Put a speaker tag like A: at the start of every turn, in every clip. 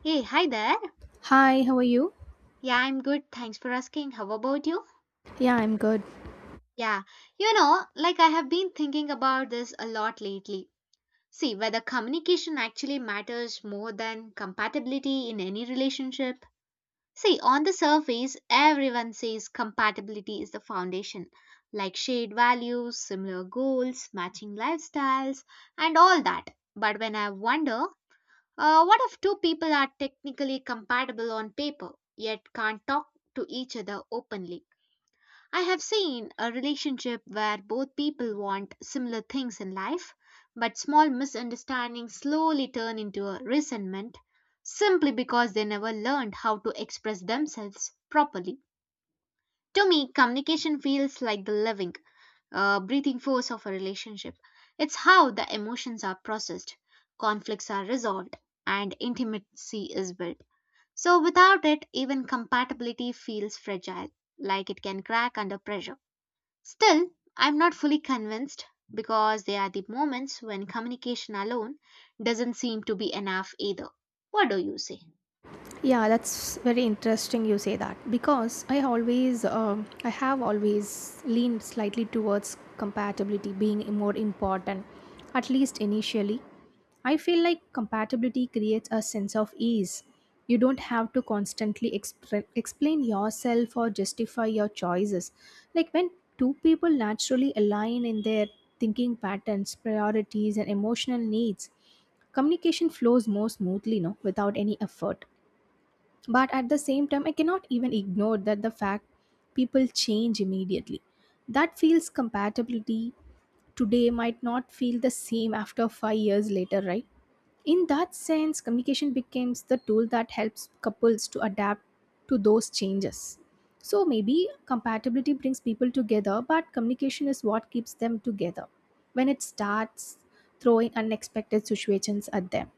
A: Hey, hi there.
B: Hi, how are you?
A: Yeah, I'm good. Thanks for asking. How about you?
B: Yeah, I'm good.
A: Yeah, I have been thinking about this a lot lately. See, whether communication actually matters more than compatibility in any relationship. See, on the surface, everyone says compatibility is the foundation, like shared values, similar goals, matching lifestyles, and all that. But when I wonder what if two people are technically compatible on paper yet can't talk to each other openly? I have seen a relationship where both people want similar things in life, but small misunderstandings slowly turn into a resentment simply because they never learned how to express themselves properly. To me, communication feels like the living breathing force of a relationship. It's how the emotions are processed, conflicts are resolved, and intimacy is built. So, without it, even compatibility feels fragile, like it can crack under pressure. Still, I'm not fully convinced because there are the moments when communication alone doesn't seem to be enough either. What do you say?
B: Yeah, that's very interesting you say that because I always, I have always leaned slightly towards compatibility being more important, at least initially. I feel like compatibility creates a sense of ease. You don't have to constantly explain yourself or justify your choices. Like when two people naturally align in their thinking patterns, priorities, and emotional needs, communication flows more smoothly, no, without any effort. But at the same time, I cannot even ignore that the fact people change immediately, that feels compatibility today might not feel the same after 5 years later, right? In that sense, communication becomes the tool that helps couples to adapt to those changes. So maybe compatibility brings people together, but communication is what keeps them together when it starts throwing unexpected situations at them.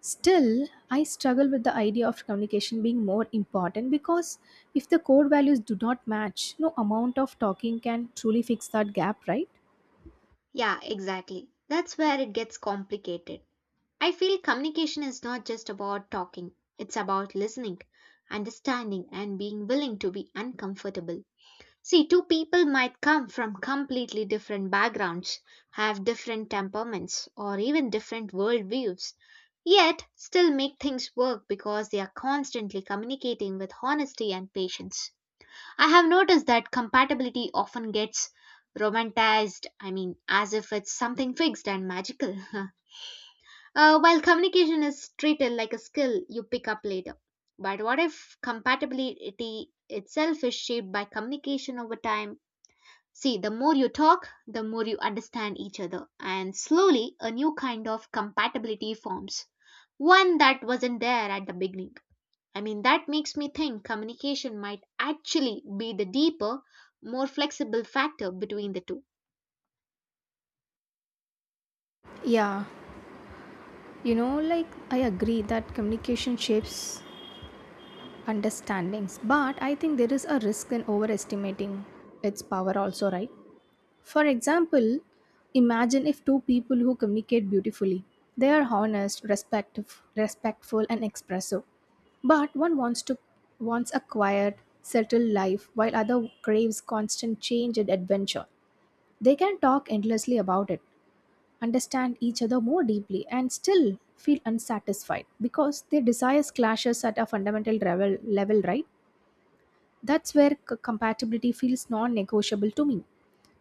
B: Still, I struggle with the idea of communication being more important because if the core values do not match, no amount of talking can truly fix that gap, right?
A: Yeah, exactly. That's where it gets complicated. I feel communication is not just about talking, it's about listening, understanding, and being willing to be uncomfortable. See, two people might come from completely different backgrounds, have different temperaments, or even different worldviews, yet still make things work because they are constantly communicating with honesty and patience. I have noticed that compatibility often gets romanticized, I mean, as if it's something fixed and magical. While communication is treated like a skill you pick up later. But what if compatibility itself is shaped by communication over time? See, the more you talk, the more you understand each other, and slowly a new kind of compatibility forms, one that wasn't there at the beginning. I mean, that makes me think communication might actually be the deeper, more flexible factor between the two.
B: Yeah, like I agree that communication shapes understandings, but I think there is a risk in overestimating its power, also, right? For example, imagine if two people who communicate beautifully. They are honest, respectful and expressive. But one wants a quiet, settled life while other craves constant change and adventure. They can talk endlessly about it, understand each other more deeply and still feel unsatisfied because their desires clashes at a fundamental level, right? That's where compatibility feels non-negotiable to me.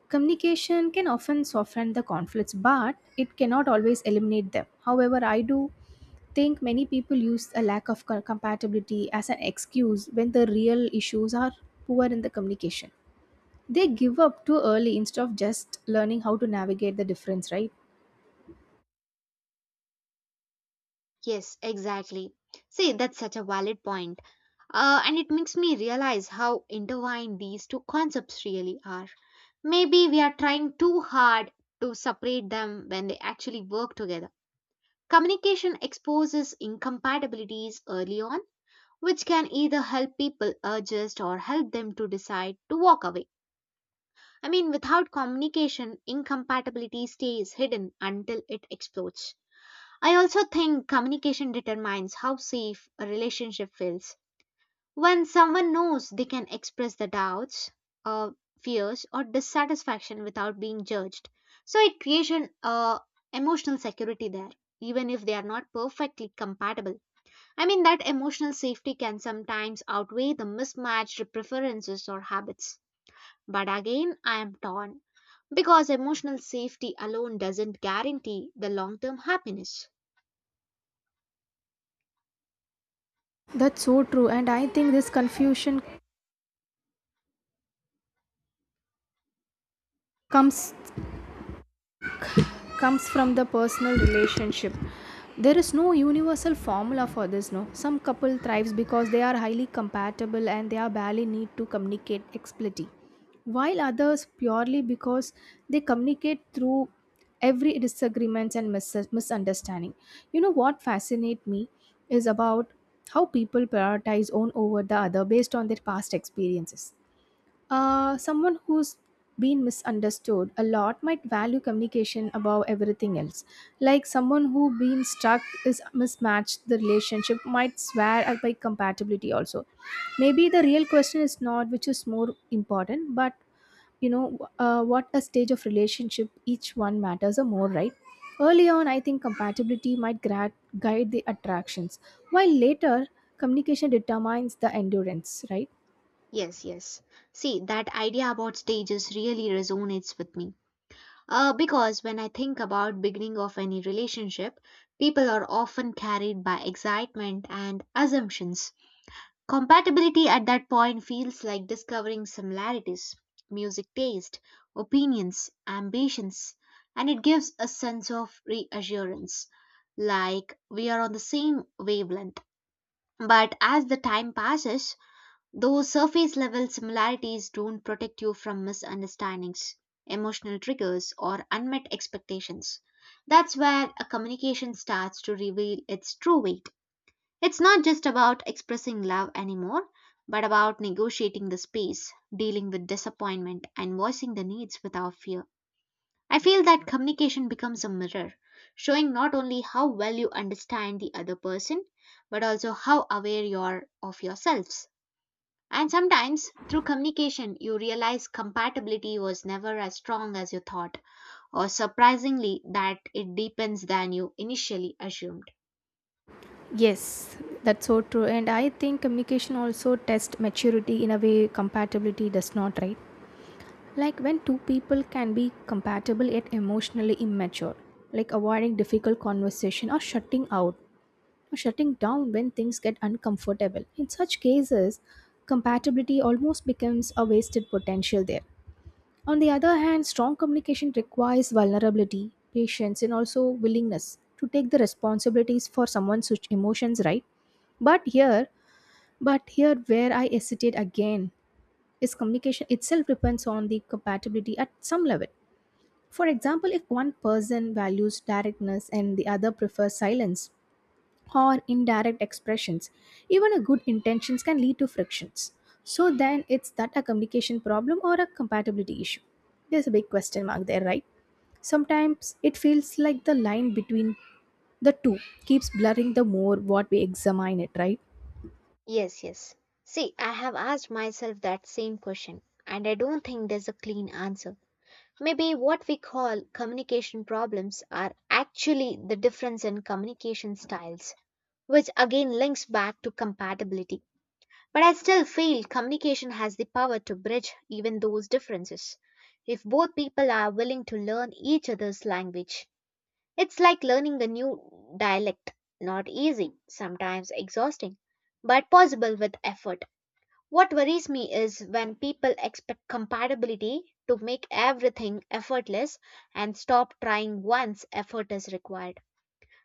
B: Communication can often soften the conflicts, but it cannot always eliminate them. However, I do think many people use a lack of compatibility as an excuse when the real issues are poor in the communication. They give up too early instead of just learning how to navigate the difference, right?
A: Yes, exactly. See, that's such a valid point. And it makes me realize how intertwined these two concepts really are. Maybe we are trying too hard to separate them when they actually work together. Communication exposes incompatibilities early on, which can either help people adjust or help them to decide to walk away. I mean, without communication, incompatibility stays hidden until it explodes. I also think communication determines how safe a relationship feels. When someone knows they can express their doubts, uh, fears, or dissatisfaction without being judged, so it creates an emotional security there, even if they are not perfectly compatible. I mean, that emotional safety can sometimes outweigh the mismatched preferences or habits. But again, I am torn because emotional safety alone doesn't guarantee the long term happiness.
B: That's so true. And I think this confusion comes comes from the personal relationship. There is no universal formula for this, no? Some couple thrives because they are highly compatible and they are barely need to communicate explicitly, while others purely because they communicate through every disagreements and misunderstanding. You know what fascinates me is about how people prioritize one over the other based on their past experiences. Someone who's been misunderstood a lot might value communication above everything else. Like someone who been stuck is mismatched, the relationship might swear at by compatibility also. Maybe the real question is not which is more important, but what a stage of relationship each one matters or more, right? Early on, I think compatibility might guide the attractions, while later communication determines the endurance, right?
A: Yes, yes. See, that idea about stages really resonates with me. Because when I think about beginning of any relationship, people are often carried by excitement and assumptions. Compatibility at that point feels like discovering similarities, music taste, opinions, ambitions, and it gives a sense of reassurance, like we are on the same wavelength. But as the time passes, those surface level similarities don't protect you from misunderstandings, emotional triggers, or unmet expectations. That's where a communication starts to reveal its true weight. It's not just about expressing love anymore, but about negotiating the space, dealing with disappointment, and voicing the needs without fear. I feel that communication becomes a mirror, showing not only how well you understand the other person, but also how aware you are of yourselves. And sometimes, through communication, you realize compatibility was never as strong as you thought, or surprisingly, that it deepens than you initially assumed.
B: Yes, that's so true. And I think communication also tests maturity in a way compatibility does not, right? Like when two people can be compatible yet emotionally immature, like avoiding difficult conversation or shutting out or shutting down when things get uncomfortable. In such cases, compatibility almost becomes a wasted potential there. On the other hand, strong communication requires vulnerability, patience, and also willingness to take the responsibilities for someone's emotions, right? But here, but here, where I hesitate again is communication itself depends on the compatibility at some level. For example, if one person values directness and the other prefers silence or indirect expressions, even a good intentions can lead to frictions. So then it's that a communication problem or a compatibility issue? There's a big question mark there, right? Sometimes it feels like the line between the two keeps blurring the more what we examine it, right?
A: Yes, yes. See, I have asked myself that same question, and I don't think there's a clean answer. Maybe what we call communication problems are actually the difference in communication styles, which again links back to compatibility. But I still feel communication has the power to bridge even those differences. If both people are willing to learn each other's language, it's like learning a new dialect. Not easy, sometimes exhausting, but possible with effort. What worries me is when people expect compatibility to make everything effortless and stop trying once effort is required.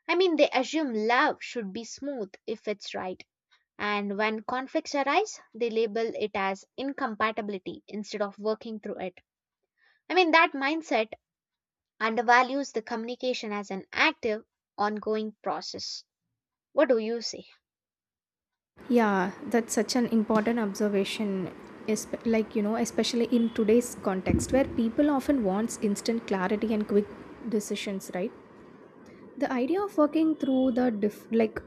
A: I mean, they assume love should be smooth if it's right and when conflicts arise, they label it as incompatibility instead of working through it. I mean, that mindset undervalues the communication as an active, ongoing process. What do you say?
B: Yeah, that's such an important observation. Like, you know, especially in today's context where people often wants instant clarity and quick decisions, right? The idea of working through the diff like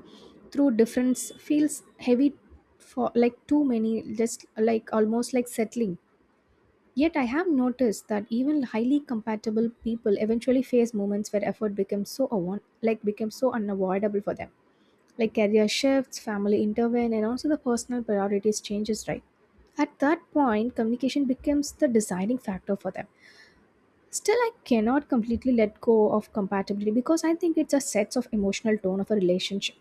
B: through difference feels heavy for like too many, just like almost like settling. Yet I have noticed that even highly compatible people eventually face moments where effort becomes so unavoidable for them, like career shifts, family intervene, and also the personal priorities changes, right? At that point, communication becomes the deciding factor for them. Still, I cannot completely let go of compatibility because I think it just sets of emotional tone of a relationship.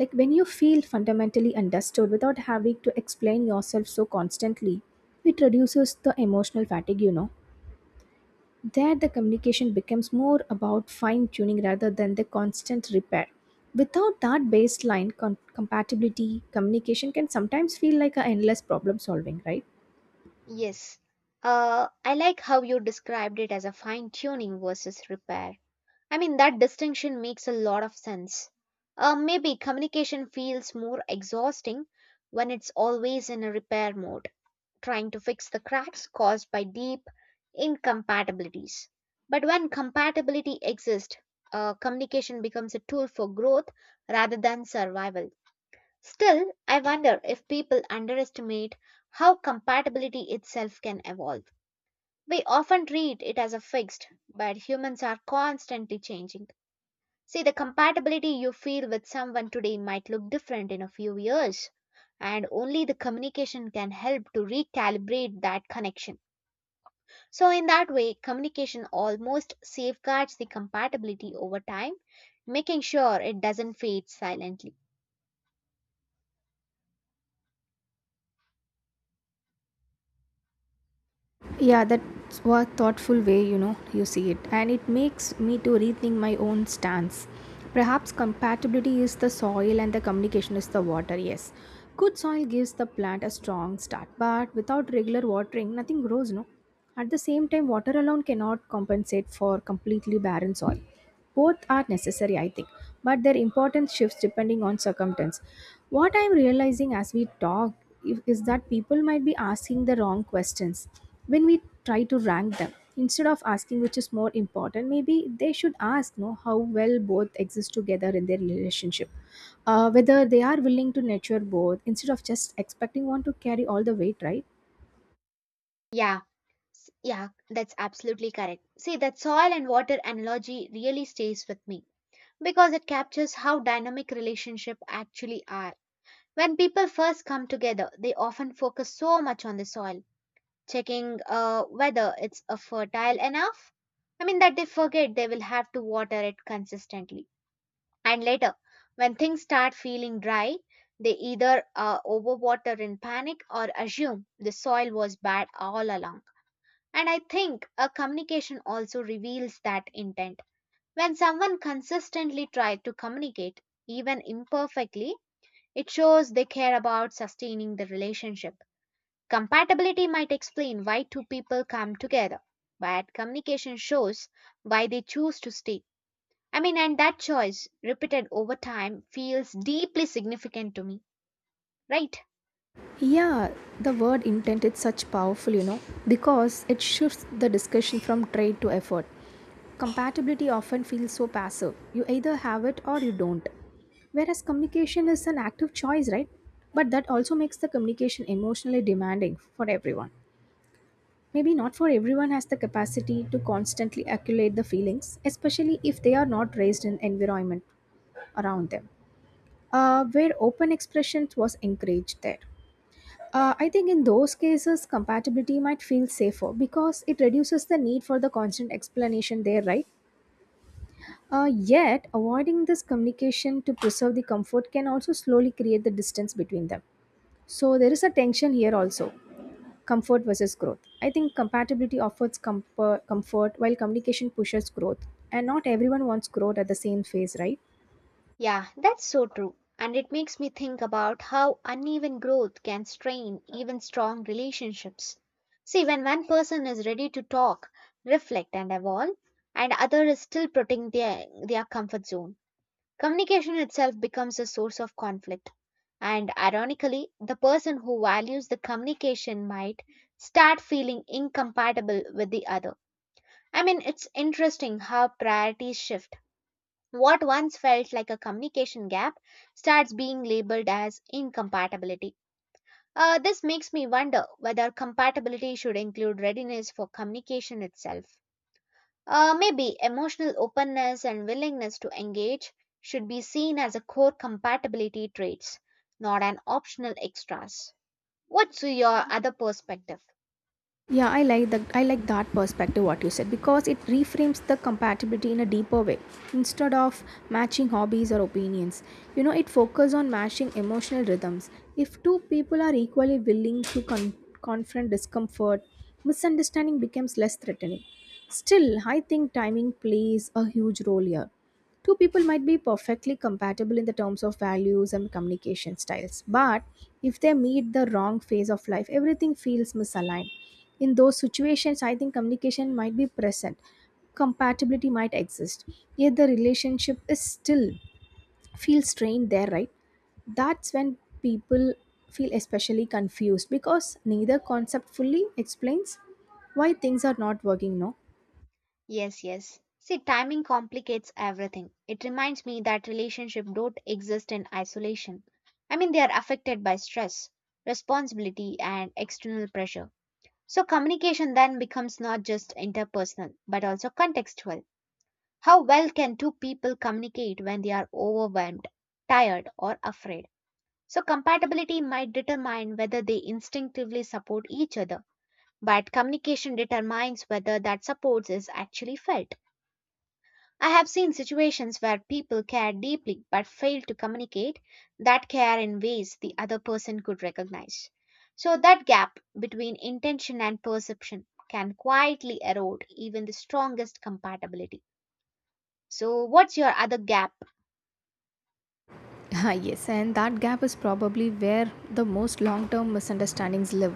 B: Like when you feel fundamentally understood without having to explain yourself so constantly, it reduces the emotional fatigue. There, the communication becomes more about fine tuning rather than the constant repair. Without that baseline compatibility, communication can sometimes feel like a endless problem solving, right?
A: Yes. I like how you described it as a fine tuning versus repair. I mean, that distinction makes a lot of sense. Maybe communication feels more exhausting when it's always in a repair mode, trying to fix the cracks caused by deep incompatibilities. But when compatibility exists, communication becomes a tool for growth rather than survival. Still, I wonder if people underestimate how compatibility itself can evolve. We often treat it as a fixed, but humans are constantly changing. See, the compatibility you feel with someone today might look different in a few years, and only the communication can help to recalibrate that connection. So, in that way, communication almost safeguards the compatibility over time, making sure it doesn't fade silently.
B: Yeah, that's a thoughtful way, you see it. And it makes me to rethink my own stance. Perhaps compatibility is the soil and the communication is the water, yes. Good soil gives the plant a strong start, but without regular watering, nothing grows, no? At the same time, water alone cannot compensate for completely barren soil. Both are necessary, I think, but their importance shifts depending on circumstance. What I'm realizing as we talk is that people might be asking the wrong questions when we try to rank them. Instead of asking which is more important, maybe they should ask no, how well both exist together in their relationship. Whether they are willing to nurture both instead of just expecting one to carry all the weight, right?
A: Yeah, yeah, that's absolutely correct. See, that soil and water analogy really stays with me because it captures how dynamic relationships actually are. When people first come together, they often focus so much on the soil, checking whether it's fertile enough. I mean, that they forget they will have to water it consistently. And later, when things start feeling dry, they either overwater in panic or assume the soil was bad all along. And I think a communication also reveals that intent. When someone consistently tries to communicate, even imperfectly, it shows they care about sustaining the relationship. Compatibility might explain why two people come together, but communication shows why they choose to stay. I mean, and that choice, repeated over time, feels deeply significant to me, right?
B: Yeah, the word intent is such powerful, because it shifts the discussion from trade to effort. Compatibility often feels so passive. You either have it or you don't. Whereas communication is an active choice, right? But that also makes the communication emotionally demanding for everyone. Maybe not for everyone has the capacity to constantly acculate the feelings, especially if they are not raised in environment around them, where open expressions was encouraged there. I think in those cases, compatibility might feel safer because it reduces the need for the constant explanation there, right? Yet, avoiding this communication to preserve the comfort can also slowly create the distance between them. So, there is a tension here also, comfort versus growth. I think compatibility offers comfort, while communication pushes growth, and not everyone wants growth at the same phase, right?
A: Yeah, that's so true. And it makes me think about how uneven growth can strain even strong relationships. See, when one person is ready to talk, reflect, and evolve, and other is still protecting their comfort zone, communication itself becomes a source of conflict. And ironically, the person who values the communication might start feeling incompatible with the other. I mean, it's interesting how priorities shift. What once felt like a communication gap starts being labeled as incompatibility. This makes me wonder whether compatibility should include readiness for communication itself. Maybe emotional openness and willingness to engage should be seen as a core compatibility traits, not an optional extras. What's your other perspective?
B: Yeah, I like that perspective what you said because it reframes the compatibility in a deeper way. Instead of matching hobbies or opinions, it focuses on matching emotional rhythms. If two people are equally willing to confront discomfort, misunderstanding becomes less threatening. Still, I think timing plays a huge role here. Two people might be perfectly compatible in the terms of values and communication styles, but if they meet the wrong phase of life, everything feels misaligned. In those situations, I think communication might be present, compatibility might exist, yet the relationship is still feels strained there, right? That's when people feel especially confused because neither concept fully explains why things are not working, no?
A: Yes, yes. See, timing complicates everything. It reminds me that relationships don't exist in isolation. I mean, they are affected by stress, responsibility, and external pressure. So, communication then becomes not just interpersonal, but also contextual. How well can two people communicate when they are overwhelmed, tired, or afraid? So, compatibility might determine whether they instinctively support each other, but communication determines whether that support is actually felt. I have seen situations where people care deeply but fail to communicate that care in ways the other person could recognize. So, that gap between intention and perception can quietly erode even the strongest compatibility. So, what's your other gap?
B: Ah, yes, and that gap is probably where the most long term misunderstandings live.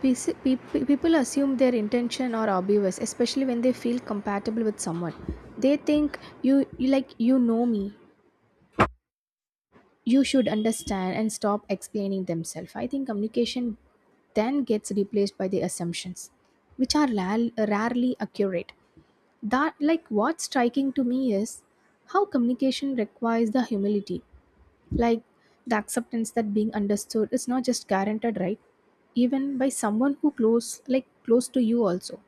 B: People assume their intention are obvious, especially when they feel compatible with someone. They think, you, like, you know me, you should understand, and stop explaining themselves. I think communication then gets replaced by the assumptions, which are rarely accurate. That like What's striking to me is how communication requires the humility. Like the acceptance that being understood is not just guaranteed, right? Even by someone who close to you also.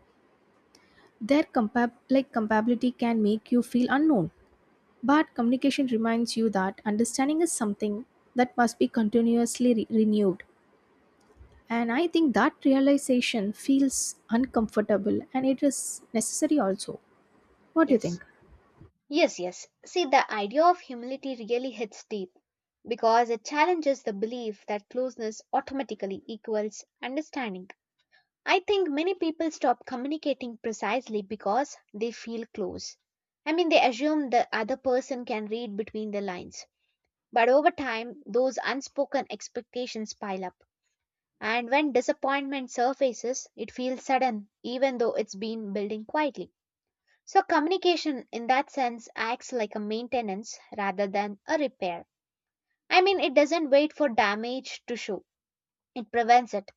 B: Their compab like compatibility can make you feel unknown. But communication reminds you that understanding is something that must be continuously renewed. And I think that realization feels uncomfortable and it is necessary also. What do you
A: Yes.
B: think?
A: Yes, yes. See, the idea of humility really hits deep because it challenges the belief that closeness automatically equals understanding. I think many people stop communicating precisely because they feel close. I mean, they assume the other person can read between the lines. But over time, those unspoken expectations pile up. And when disappointment surfaces, it feels sudden, even though it's been building quietly. So, communication in that sense acts like a maintenance rather than a repair. I mean, it doesn't wait for damage to show, it prevents it.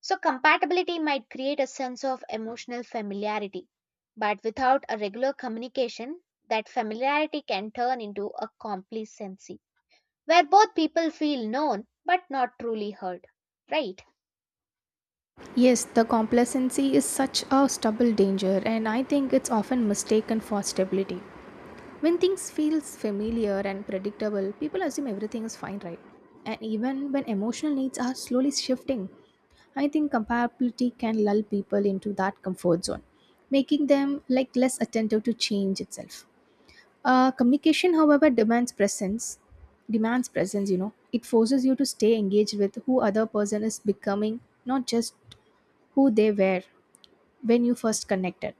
A: So, compatibility might create a sense of emotional familiarity, but without a regular communication, that familiarity can turn into a complacency, where both people feel known but not truly heard. Right?
B: Yes, the complacency is such a stubborn danger, and I think it's often mistaken for stability. When things feels familiar and predictable, people assume everything is fine, right? And even when emotional needs are slowly shifting, I think compatibility can lull people into that comfort zone, making them like less attentive to change itself. Communication, however, demands presence. Demands presence. It forces you to stay engaged with who other person is becoming, not just who they were when you first connected.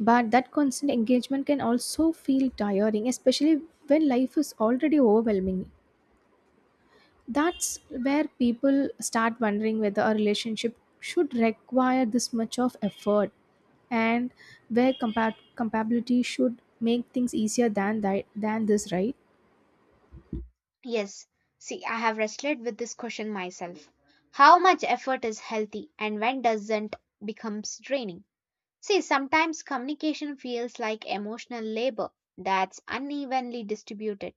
B: But that constant engagement can also feel tiring, especially when life is already overwhelming. That's where people start wondering whether a relationship should require this much of effort and where compatibility should make things easier than that than this, right?
A: Yes. See, I have wrestled with this question myself. How much effort is healthy and when doesn't becomes draining? See, sometimes communication feels like emotional labor that's unevenly distributed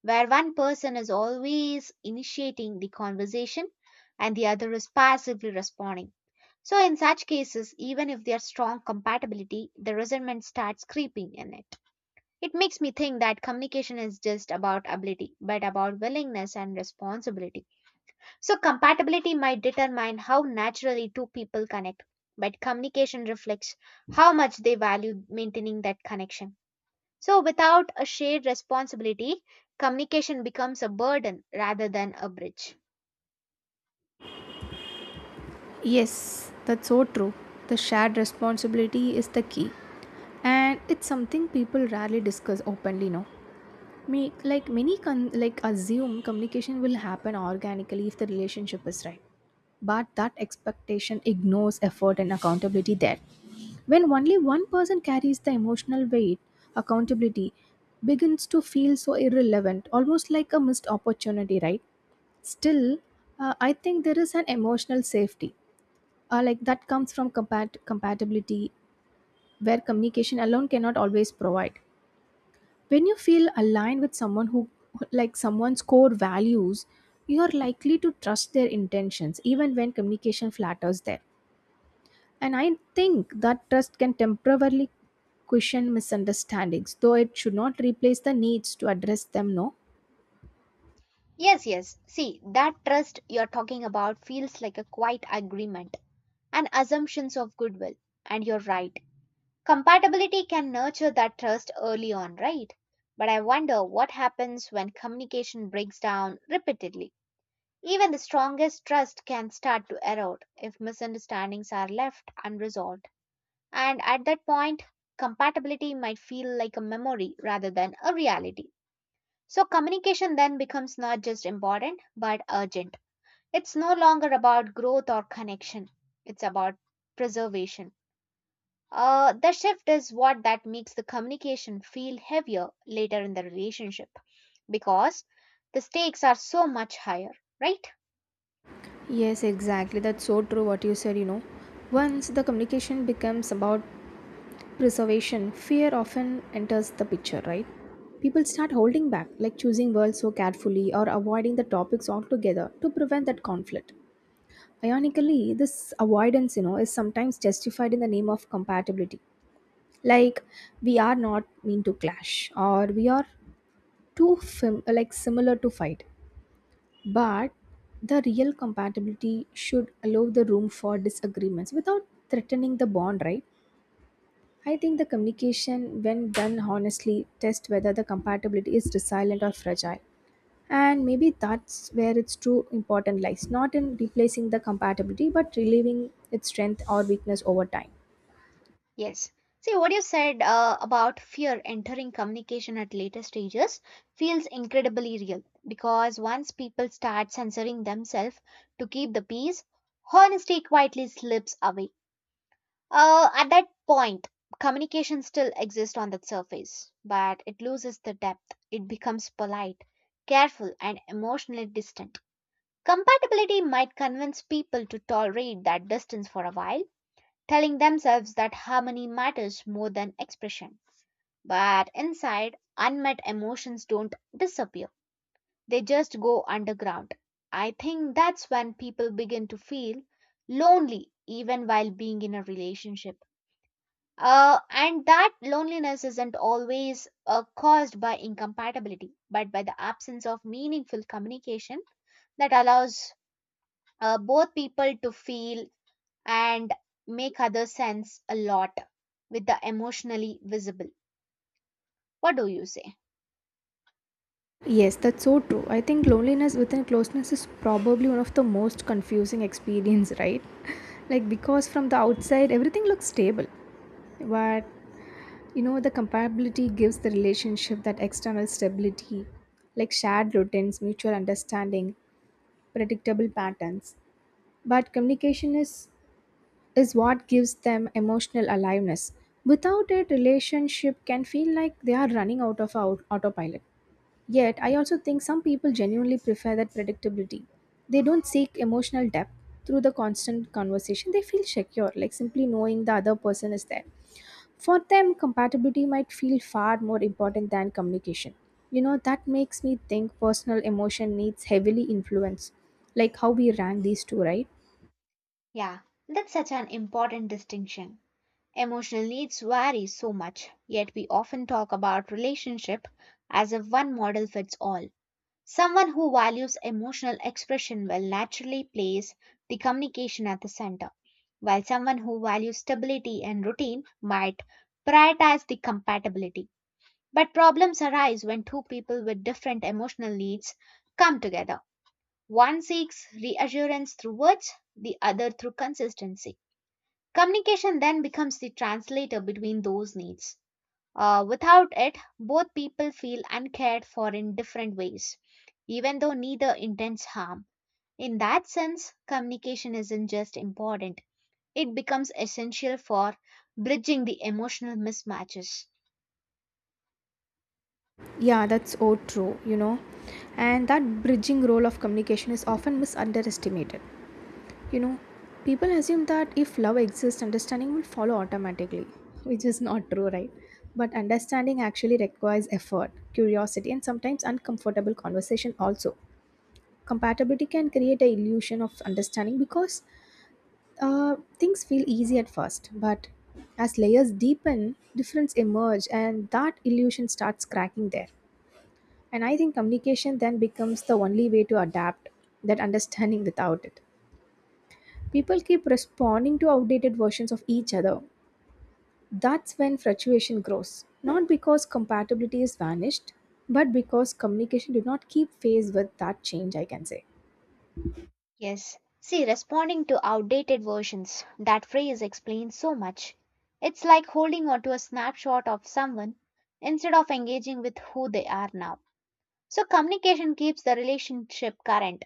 A: where one person is always initiating the conversation and the other is passively responding. So, in such cases, even if there's strong compatibility, the resentment starts creeping in it. It makes me think that communication is just about ability, but about willingness and responsibility. So, compatibility might determine how naturally two people connect, but communication reflects how much they value maintaining that connection. So, without a shared responsibility, communication becomes a burden rather than a bridge.
B: Yes, that's so true. The shared responsibility is the key. And it's something people rarely discuss openly now. Make like many assume communication will happen organically if the relationship is right. But that expectation ignores effort and accountability there. When only one person carries the emotional weight, accountability begins to feel so irrelevant, almost like a missed opportunity, right? Still, I think there is an emotional safety, like that comes from compatibility, where communication alone cannot always provide when you feel aligned with someone who like someone's core values, you are likely to trust their intentions even when communication flatters them. And I think that trust can temporarily cushion misunderstandings, though it should not replace the needs to address them no.
A: Yes, yes. See, that trust you're talking about feels like a quiet agreement and assumptions of goodwill. And you're right. Compatibility can nurture that trust early on, right? But I wonder what happens when communication breaks down repeatedly. Even the strongest trust can start to erode if misunderstandings are left unresolved. And at that point, compatibility might feel like a memory rather than a reality. So, communication then becomes not just important but urgent. It's no longer about growth or connection, it's about preservation. The shift is what that makes the communication feel heavier later in the relationship because the stakes are so much higher, right?
B: Yes, exactly. That's so true what you said, Once the communication becomes about reservation, fear often enters the picture, right? People start holding back, like choosing words so carefully or avoiding the topics altogether to prevent that conflict. Ironically, this avoidance, is sometimes justified in the name of compatibility. Like we are not mean to clash, or we are too fam- like similar to fight. But the real compatibility should allow the room for disagreements without threatening the bond, right? I think the communication, when done honestly, test whether the compatibility is resilient or fragile. And maybe that's where its true important lies, not in replacing the compatibility, but relieving its strength or weakness over time.
A: Yes. See, what you said about fear entering communication at later stages feels incredibly real because once people start censoring themselves to keep the peace, honesty quietly slips away. At that point, communication still exists on the surface, but it loses the depth. It becomes polite, careful, and emotionally distant. Compatibility might convince people to tolerate that distance for a while, telling themselves that harmony matters more than expression. But inside, unmet emotions don't disappear, they just go underground. I think that's when people begin to feel lonely even while being in a relationship. And that loneliness isn't always caused by incompatibility, but by the absence of meaningful communication that allows both people to feel and make other sense a lot with the emotionally visible. What do you say?
B: Yes, that's so true. I think loneliness within closeness is probably one of the most confusing experience, right? Like because from the outside everything looks stable, but you know the compatibility gives the relationship that external stability, like shared routines, mutual understanding, predictable patterns. But communication is what gives them emotional aliveness. Without it, relationship can feel like they are running autopilot. Yet, I also think some people genuinely prefer that predictability. They don't seek emotional depth through the constant conversation. They feel secure, like simply knowing the other person is there. For them, compatibility might feel far more important than communication. You know, that makes me think personal emotion needs heavily influence, like how we rank these two, right?
A: Yeah, that's such an important distinction. Emotional needs vary so much, yet we often talk about relationship as if one model fits all. Someone who values emotional expression will naturally place the communication at the center, while someone who values stability and routine might prioritize the compatibility. But problems arise when two people with different emotional needs come together. One seeks reassurance through words, the other through consistency. Communication then becomes the translator between those needs. Without it, both people feel uncared for in different ways, even though neither intends harm. In that sense, communication isn't just important, it becomes essential for bridging the emotional mismatches.
B: Yeah, that's so true, you know. And that bridging role of communication is often misunderestimated. You know, people assume that if love exists, understanding will follow automatically, which is not true, right? But understanding actually requires effort, curiosity, and sometimes uncomfortable conversation also. Compatibility can create a illusion of understanding because things feel easy at first, but as layers deepen, difference emerge and that illusion starts cracking there. And I think communication then becomes the only way to adapt that understanding. Without it, people keep responding to outdated versions of each other. That's when fluctuation grows, not because compatibility is vanished, but because communication did not keep pace with that change, I can say.
A: Yes. See, responding to outdated versions, that phrase explains so much. It's like holding on to a snapshot of someone instead of engaging with who they are now. So, communication keeps the relationship current.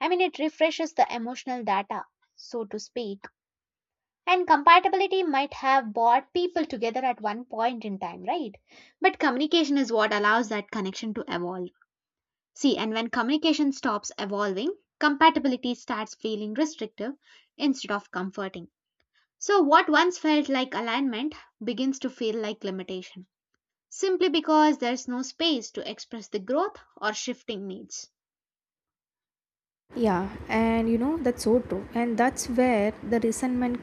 A: I mean, it refreshes the emotional data, so to speak. And compatibility might have brought people together at one point in time, right? But communication is what allows that connection to evolve. See, and when communication stops evolving, compatibility starts feeling restrictive instead of comforting. So, what once felt like alignment begins to feel like limitation, simply because there's no space to express the growth or shifting needs.
B: Yeah, and you know, that's so true. And that's where the resentment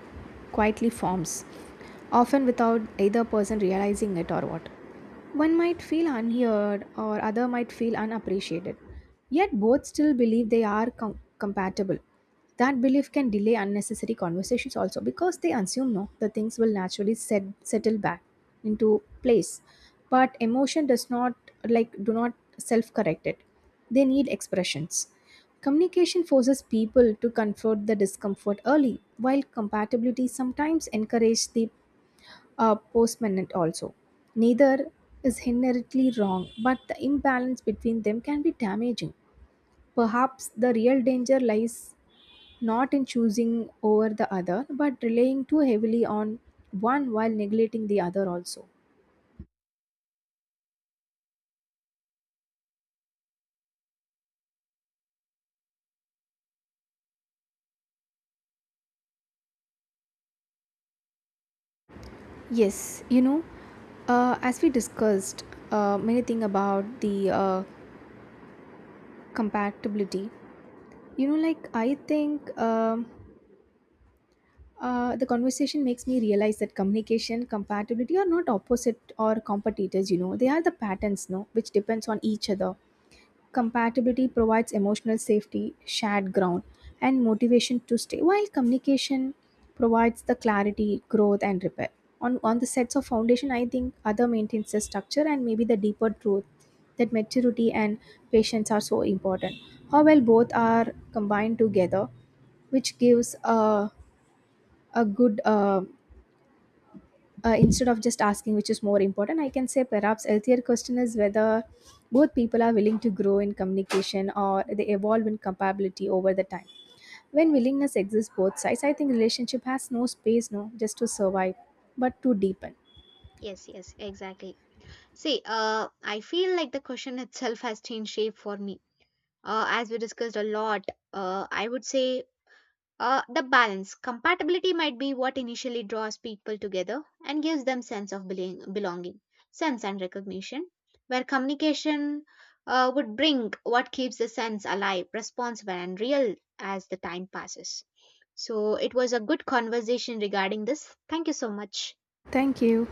B: quietly forms, often without either person realizing it or what. One might feel unheard, or other might feel unappreciated. Yet both still believe they are compatible. That belief can delay unnecessary conversations also, because they assume no, the things will naturally settle back into place. But emotion does not like do not self correct it. They need expressions. Communication forces people to confront the discomfort early, while compatibility sometimes encourages the postponement also. Neither is inherently wrong, but the imbalance between them can be damaging. Perhaps the real danger lies not in choosing over the other, but relying too heavily on one while neglecting the other also. Yes, you know, as we discussed many things about the compatibility, you know, like I think the conversation makes me realize that communication, compatibility are not opposite or competitors. You know, they are the patterns, no, which depends on each other. Compatibility provides emotional safety, shared ground, and motivation to stay, while communication provides the clarity, growth, and repair. On the sets of foundation, I think other maintains the structure, and maybe the deeper truth that maturity and patience are so important. How well both are combined together, which gives a good instead of just asking which is more important, I can say perhaps healthier question is whether both people are willing to grow in communication or they evolve in compatibility over the time. When willingness exists both sides, I think relationship has no space no just to survive, but to deepen.
A: Yes, yes, exactly. See, I feel like the question itself has changed shape for me. As we discussed a lot, I would say the balance compatibility might be what initially draws people together and gives them sense of belonging sense and recognition, where communication would bring what keeps the sense alive, responsive and real as the time passes. So it was a good conversation regarding this. Thank you so much.
B: Thank you.